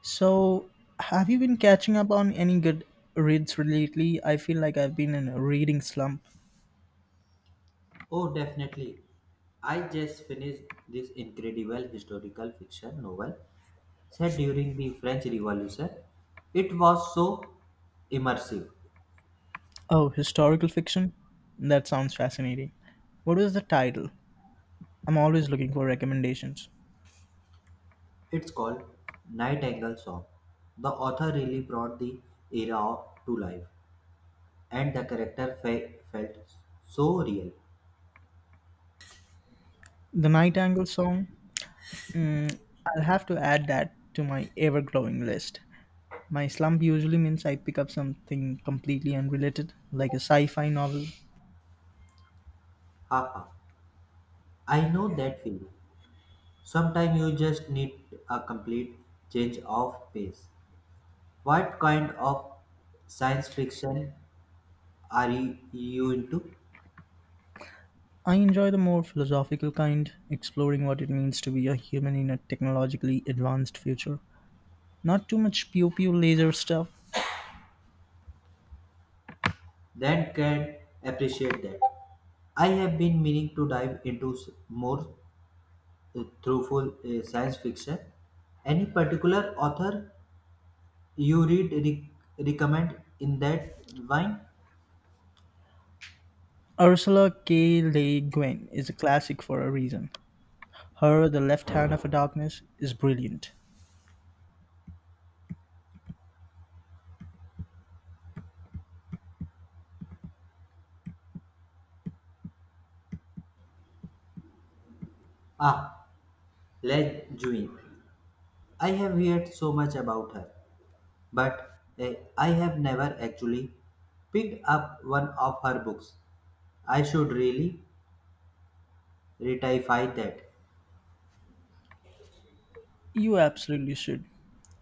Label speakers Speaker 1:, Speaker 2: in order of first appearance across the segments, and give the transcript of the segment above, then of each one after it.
Speaker 1: So, have you been catching up on any good reads lately? I feel like I've been in a reading slump.
Speaker 2: Oh, definitely. I just finished this incredible historical fiction novel set during the French Revolution. It was so immersive.
Speaker 1: Oh, historical fiction? That sounds fascinating. What was the title? I'm always looking for recommendations.
Speaker 2: It's called Nightingale Song. The author really brought the era to life, and the felt so real.
Speaker 1: The Nightingale Song? I'll have to add that to my ever growing list. My slump usually means I pick up something completely unrelated, like a sci fi novel.
Speaker 2: Haha, I know that feeling. Sometimes you just need a complete change of pace. What kind of science fiction are you into?
Speaker 1: I enjoy the more philosophical kind, exploring what it means to be a human in a technologically advanced future. Not too much pew pew laser stuff.
Speaker 2: Then can appreciate that. I have been meaning to dive into more thoughtful science fiction. Any particular author you recommend in that vein?
Speaker 1: Ursula K. Le Guin is a classic for a reason. Her The Left Hand of a Darkness is brilliant.
Speaker 2: Ah, Le Guin, I have heard so much about her, but uh, I have never actually picked up one of her books. I should really retify that.
Speaker 1: You absolutely should.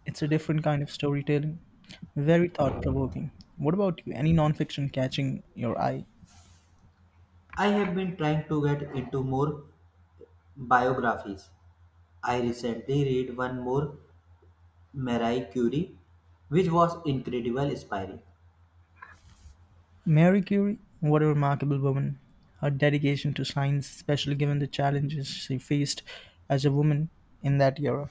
Speaker 1: It's a different kind of storytelling, very thought provoking. What about you? Any nonfiction catching your eye?
Speaker 2: I have been trying to get into more biographies. I recently read one more Marie Curie, which was incredibly inspiring.
Speaker 1: Mary Curie, what a remarkable woman. Her dedication to science, especially given the challenges she faced as a woman in that era.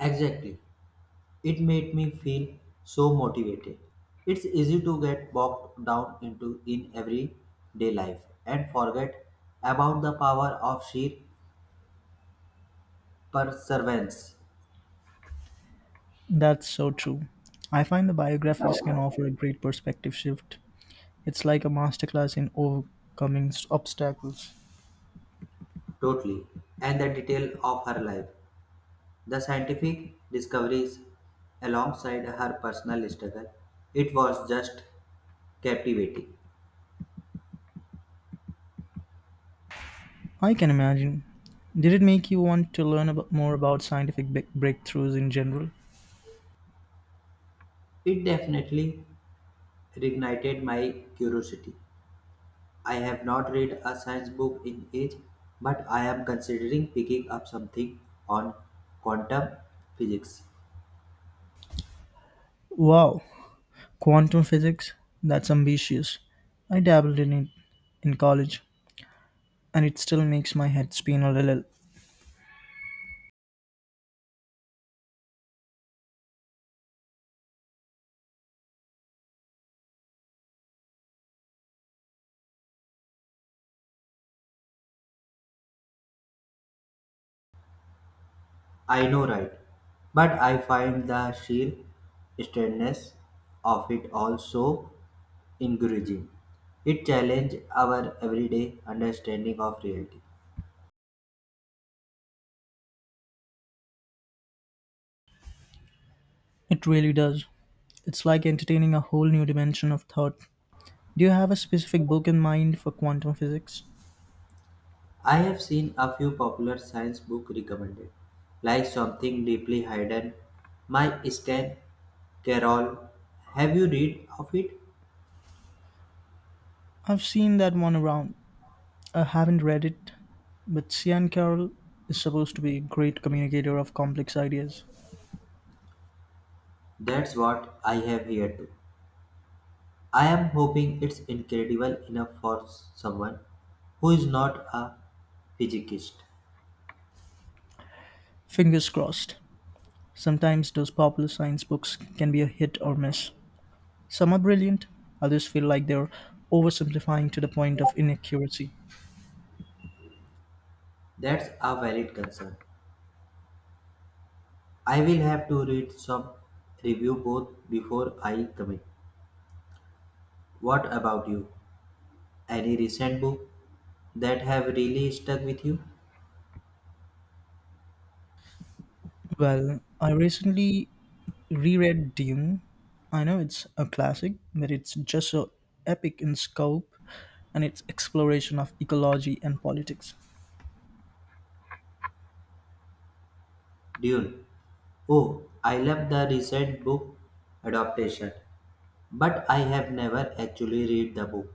Speaker 2: Exactly. It made me feel so motivated. It's easy to get bogged down into in everyday life and forget about the power of sheer perseverance.
Speaker 1: That's so true. I find the biographies can offer a great perspective shift. It's like a masterclass in overcoming obstacles.
Speaker 2: Totally. And the detail of her life. The scientific discoveries alongside her personal struggle. It was just captivating.
Speaker 1: I can imagine. Did it make you want to learn about, more about scientific breakthroughs in general?
Speaker 2: It definitely reignited my curiosity. I have not read a science book in ages, but I am considering picking up something on quantum physics.
Speaker 1: Wow, quantum physics? That's ambitious. I dabbled in it in college, and it still makes my head spin a little.
Speaker 2: I know, right? But I find the sheer strangeness of it all so encouraging. It challenges our everyday understanding of reality.
Speaker 1: It really does. It's like entertaining a whole new dimension of thought. Do you have a specific book in mind for quantum physics?
Speaker 2: I have seen a few popular science book recommended, like Something Deeply Hidden, My Stan Carol. Have you read of it?
Speaker 1: I've seen that one around, I haven't read it, but Cian Carroll is supposed to be a great communicator of complex ideas.
Speaker 2: That's what I have here too. I am hoping it's incredible enough for someone who is not a physicist.
Speaker 1: Fingers crossed. Sometimes those popular science books can be a hit or miss. Some are brilliant, others feel like they're oversimplifying to the point of inaccuracy.
Speaker 2: That's a valid concern. I will have to read some review both before I commit. What about you? Any recent book that have really stuck with you?
Speaker 1: Well, I recently reread Dune. I know it's a classic, but it's just so epic in scope and its exploration of ecology and politics.
Speaker 2: Dune. Oh, I love the recent book adaptation, but I have never actually read the book.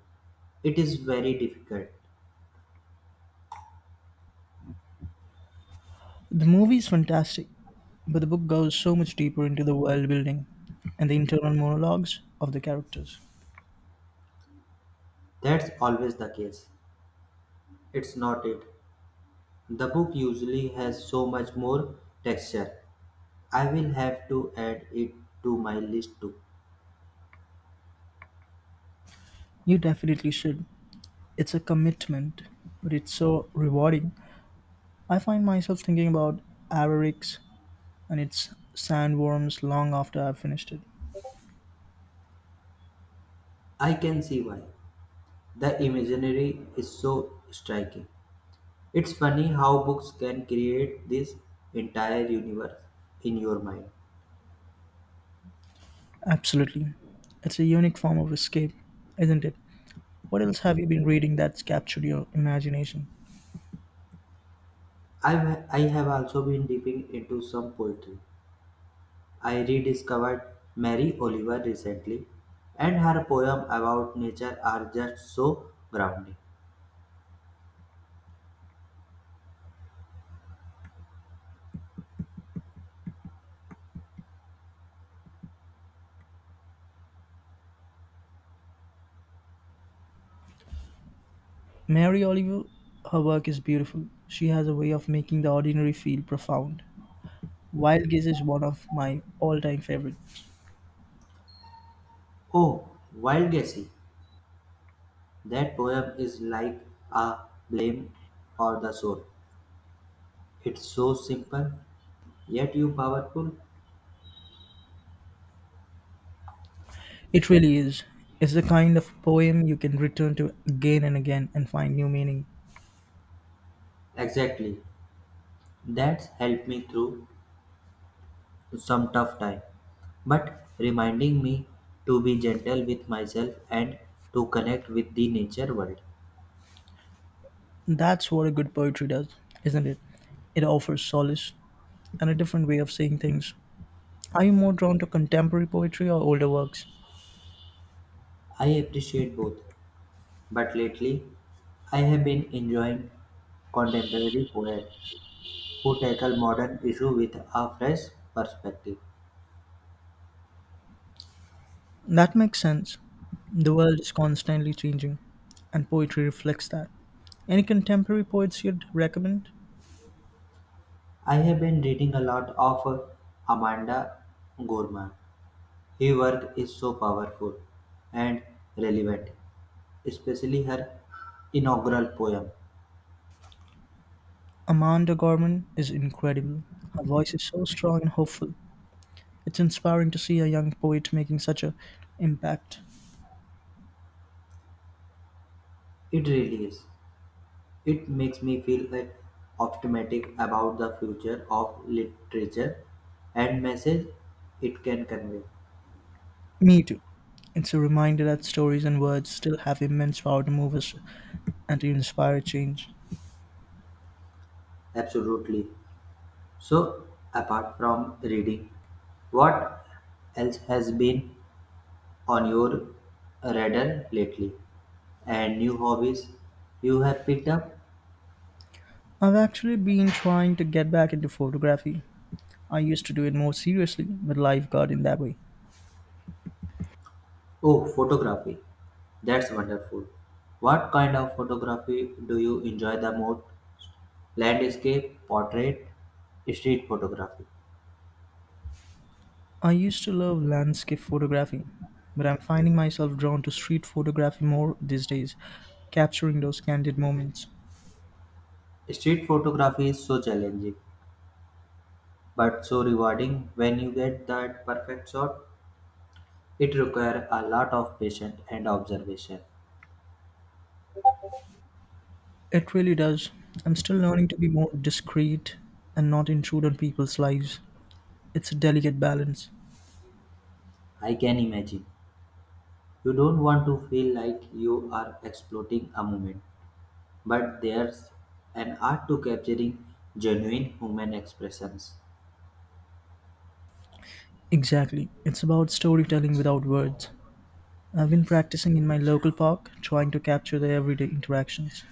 Speaker 2: It is very difficult.
Speaker 1: The movie is fantastic, but the book goes so much deeper into the world building and the internal monologues of the characters.
Speaker 2: That's always the case. It's not it. The book usually has so much more texture. I will have to add it to my list too.
Speaker 1: You definitely should. It's a commitment, but it's so rewarding. I find myself thinking about Avarix and its sandworms long after I've finished it.
Speaker 2: I can see why. The imaginary is so striking. It's funny how books can create this entire universe in your mind.
Speaker 1: Absolutely. It's a unique form of escape, isn't it? What else have you been reading that's captured your imagination?
Speaker 2: I have also been dipping into some poetry. I rediscovered Mary Oliver recently, and her poem about nature are just so grounding.
Speaker 1: Mary Oliver, her work is beautiful. She has a way of making the ordinary feel profound. Wild Geese is one of my all-time favorite.
Speaker 2: Oh, Wild Guessy! That poem is like a blame for the soul. It's so simple, yet you powerful.
Speaker 1: It really is. It's the kind of poem you can return to again and again and find new meaning.
Speaker 2: Exactly. That's helped me through some tough time, but reminding me to be gentle with myself and to connect with the nature world.
Speaker 1: That's what a good poetry does, isn't it? It offers solace and a different way of seeing things. Are you more drawn to contemporary poetry or older works?
Speaker 2: I appreciate both, but lately I have been enjoying contemporary poets who tackle modern issues with a fresh perspective.
Speaker 1: That makes sense. The world is constantly changing, and poetry reflects that. Any contemporary poets you'd recommend?
Speaker 2: I have been reading a lot of Amanda Gorman. Her work is so powerful and relevant, especially her inaugural poem.
Speaker 1: Amanda Gorman is incredible. Her voice is so strong and hopeful. It's inspiring to see a young poet making such an impact.
Speaker 2: It really is. It makes me feel like optimistic about the future of literature and message it can convey.
Speaker 1: Me too. It's a reminder that stories and words still have immense power to move us and to inspire change.
Speaker 2: Absolutely. So, apart from reading, what else has been on your radar lately? And new hobbies you have picked up?
Speaker 1: I've actually been trying to get back into photography. I used to do it more seriously, but life got in that way.
Speaker 2: Oh, photography. That's wonderful. What kind of photography do you enjoy the most? Landscape, portrait, street photography.
Speaker 1: I used to love landscape photography, but I'm finding myself drawn to street photography more these days, capturing those candid moments.
Speaker 2: Street photography is so challenging but so rewarding when you get that perfect shot. It requires a lot of patience and observation.
Speaker 1: It really does. I'm still learning to be more discreet and not intrude on people's lives. It's a delicate balance.
Speaker 2: I can imagine. You don't want to feel like you are exploiting a moment, but there's an art to capturing genuine human expressions.
Speaker 1: Exactly. It's about storytelling without words. I've been practicing in my local park, trying to capture the everyday interactions.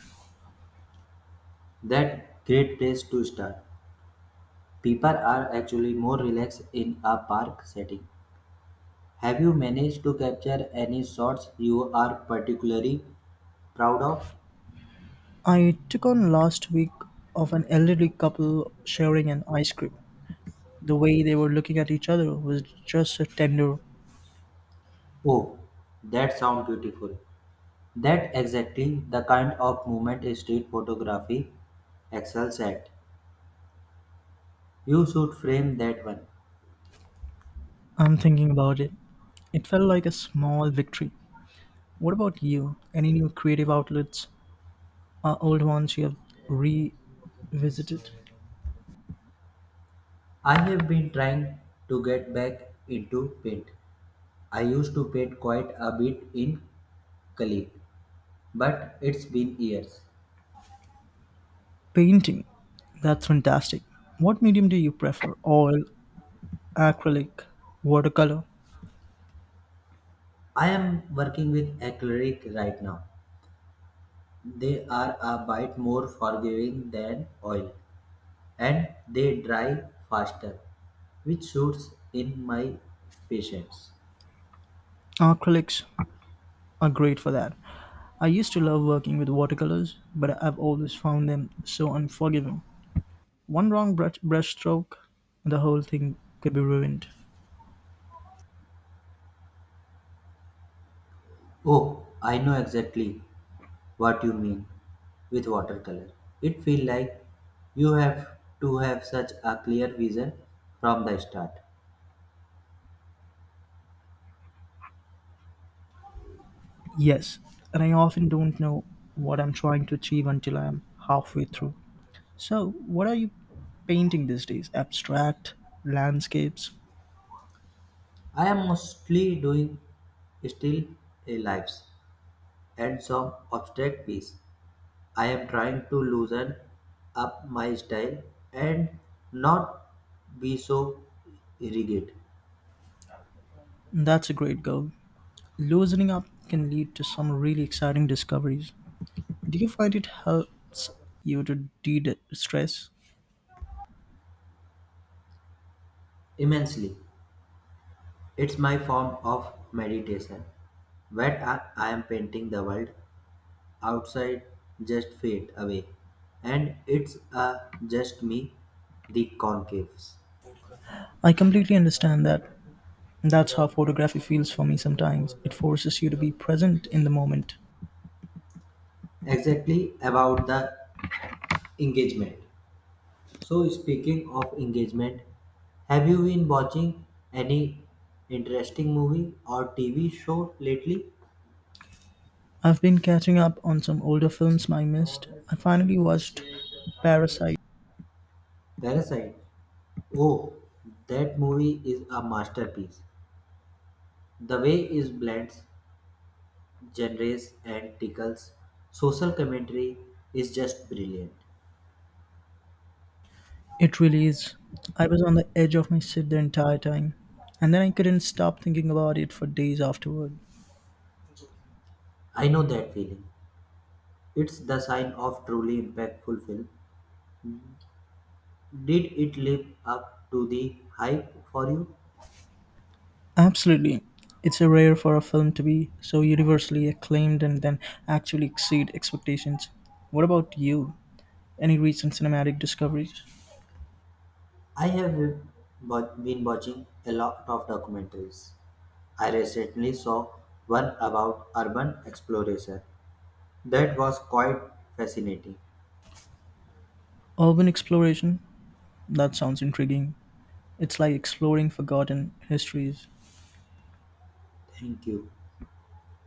Speaker 2: That great place to start. People are actually more relaxed in a park setting. Have you managed to capture any shots you are particularly proud of?
Speaker 1: I took on last week of an elderly couple sharing an ice cream. The way they were looking at each other was just so tender.
Speaker 2: Oh, that sounds beautiful. That exactly the kind of movement street photography excels at. You should frame that one.
Speaker 1: I'm thinking about it. It felt like a small victory. What about you? Any new creative outlets? Or old ones you have revisited?
Speaker 2: I have been trying to get back into paint. I used to paint quite a bit in college, but it's been years.
Speaker 1: Painting. That's fantastic. What medium do you prefer? Oil, acrylic, watercolor?
Speaker 2: I am working with acrylic right now. They are a bit more forgiving than oil and they dry faster, which suits in my patience.
Speaker 1: Acrylics are great for that. I used to love working with watercolors, but I've always found them so unforgiving. One wrong brush stroke, and the whole thing could be ruined.
Speaker 2: Oh, I know exactly what you mean with watercolor. It feels like you have to have such a clear vision from the start.
Speaker 1: Yes, and I often don't know what I'm trying to achieve until I'm halfway through. So, what are you painting these days? Abstract, landscapes?
Speaker 2: I am mostly doing still lives and some abstract piece. I am trying to loosen up my style and not be so rigid
Speaker 1: That's a great goal. Loosening up can lead to some really exciting discoveries. Do you find it helps you to de stress?
Speaker 2: immensely. It's my form of meditation. When I am painting the world, outside just fade away. And it's just me, the concaves.
Speaker 1: I completely understand that. That's how photography feels for me sometimes. It forces you to be present in the moment.
Speaker 2: Exactly about the engagement. So, speaking of engagement, have you been watching any interesting movie or TV show lately?
Speaker 1: I've been catching up on some older films I missed. I finally watched Parasite.
Speaker 2: Parasite. Oh, that movie is a masterpiece. The way it blends genres and tickles social commentary is just brilliant.
Speaker 1: It really is. I was on the edge of my seat the entire time, and then I couldn't stop thinking about it for days afterward.
Speaker 2: I know that feeling. It's the sign of truly impactful film. Did it live up to the hype for you?
Speaker 1: Absolutely. It's a rare for a film to be so universally acclaimed and then actually exceed expectations. What about you? Any recent cinematic discoveries?
Speaker 2: I have been watching a lot of documentaries. I recently saw one about urban exploration that was quite fascinating.
Speaker 1: Urban exploration? That sounds intriguing. It's like exploring forgotten histories.
Speaker 2: Thank you.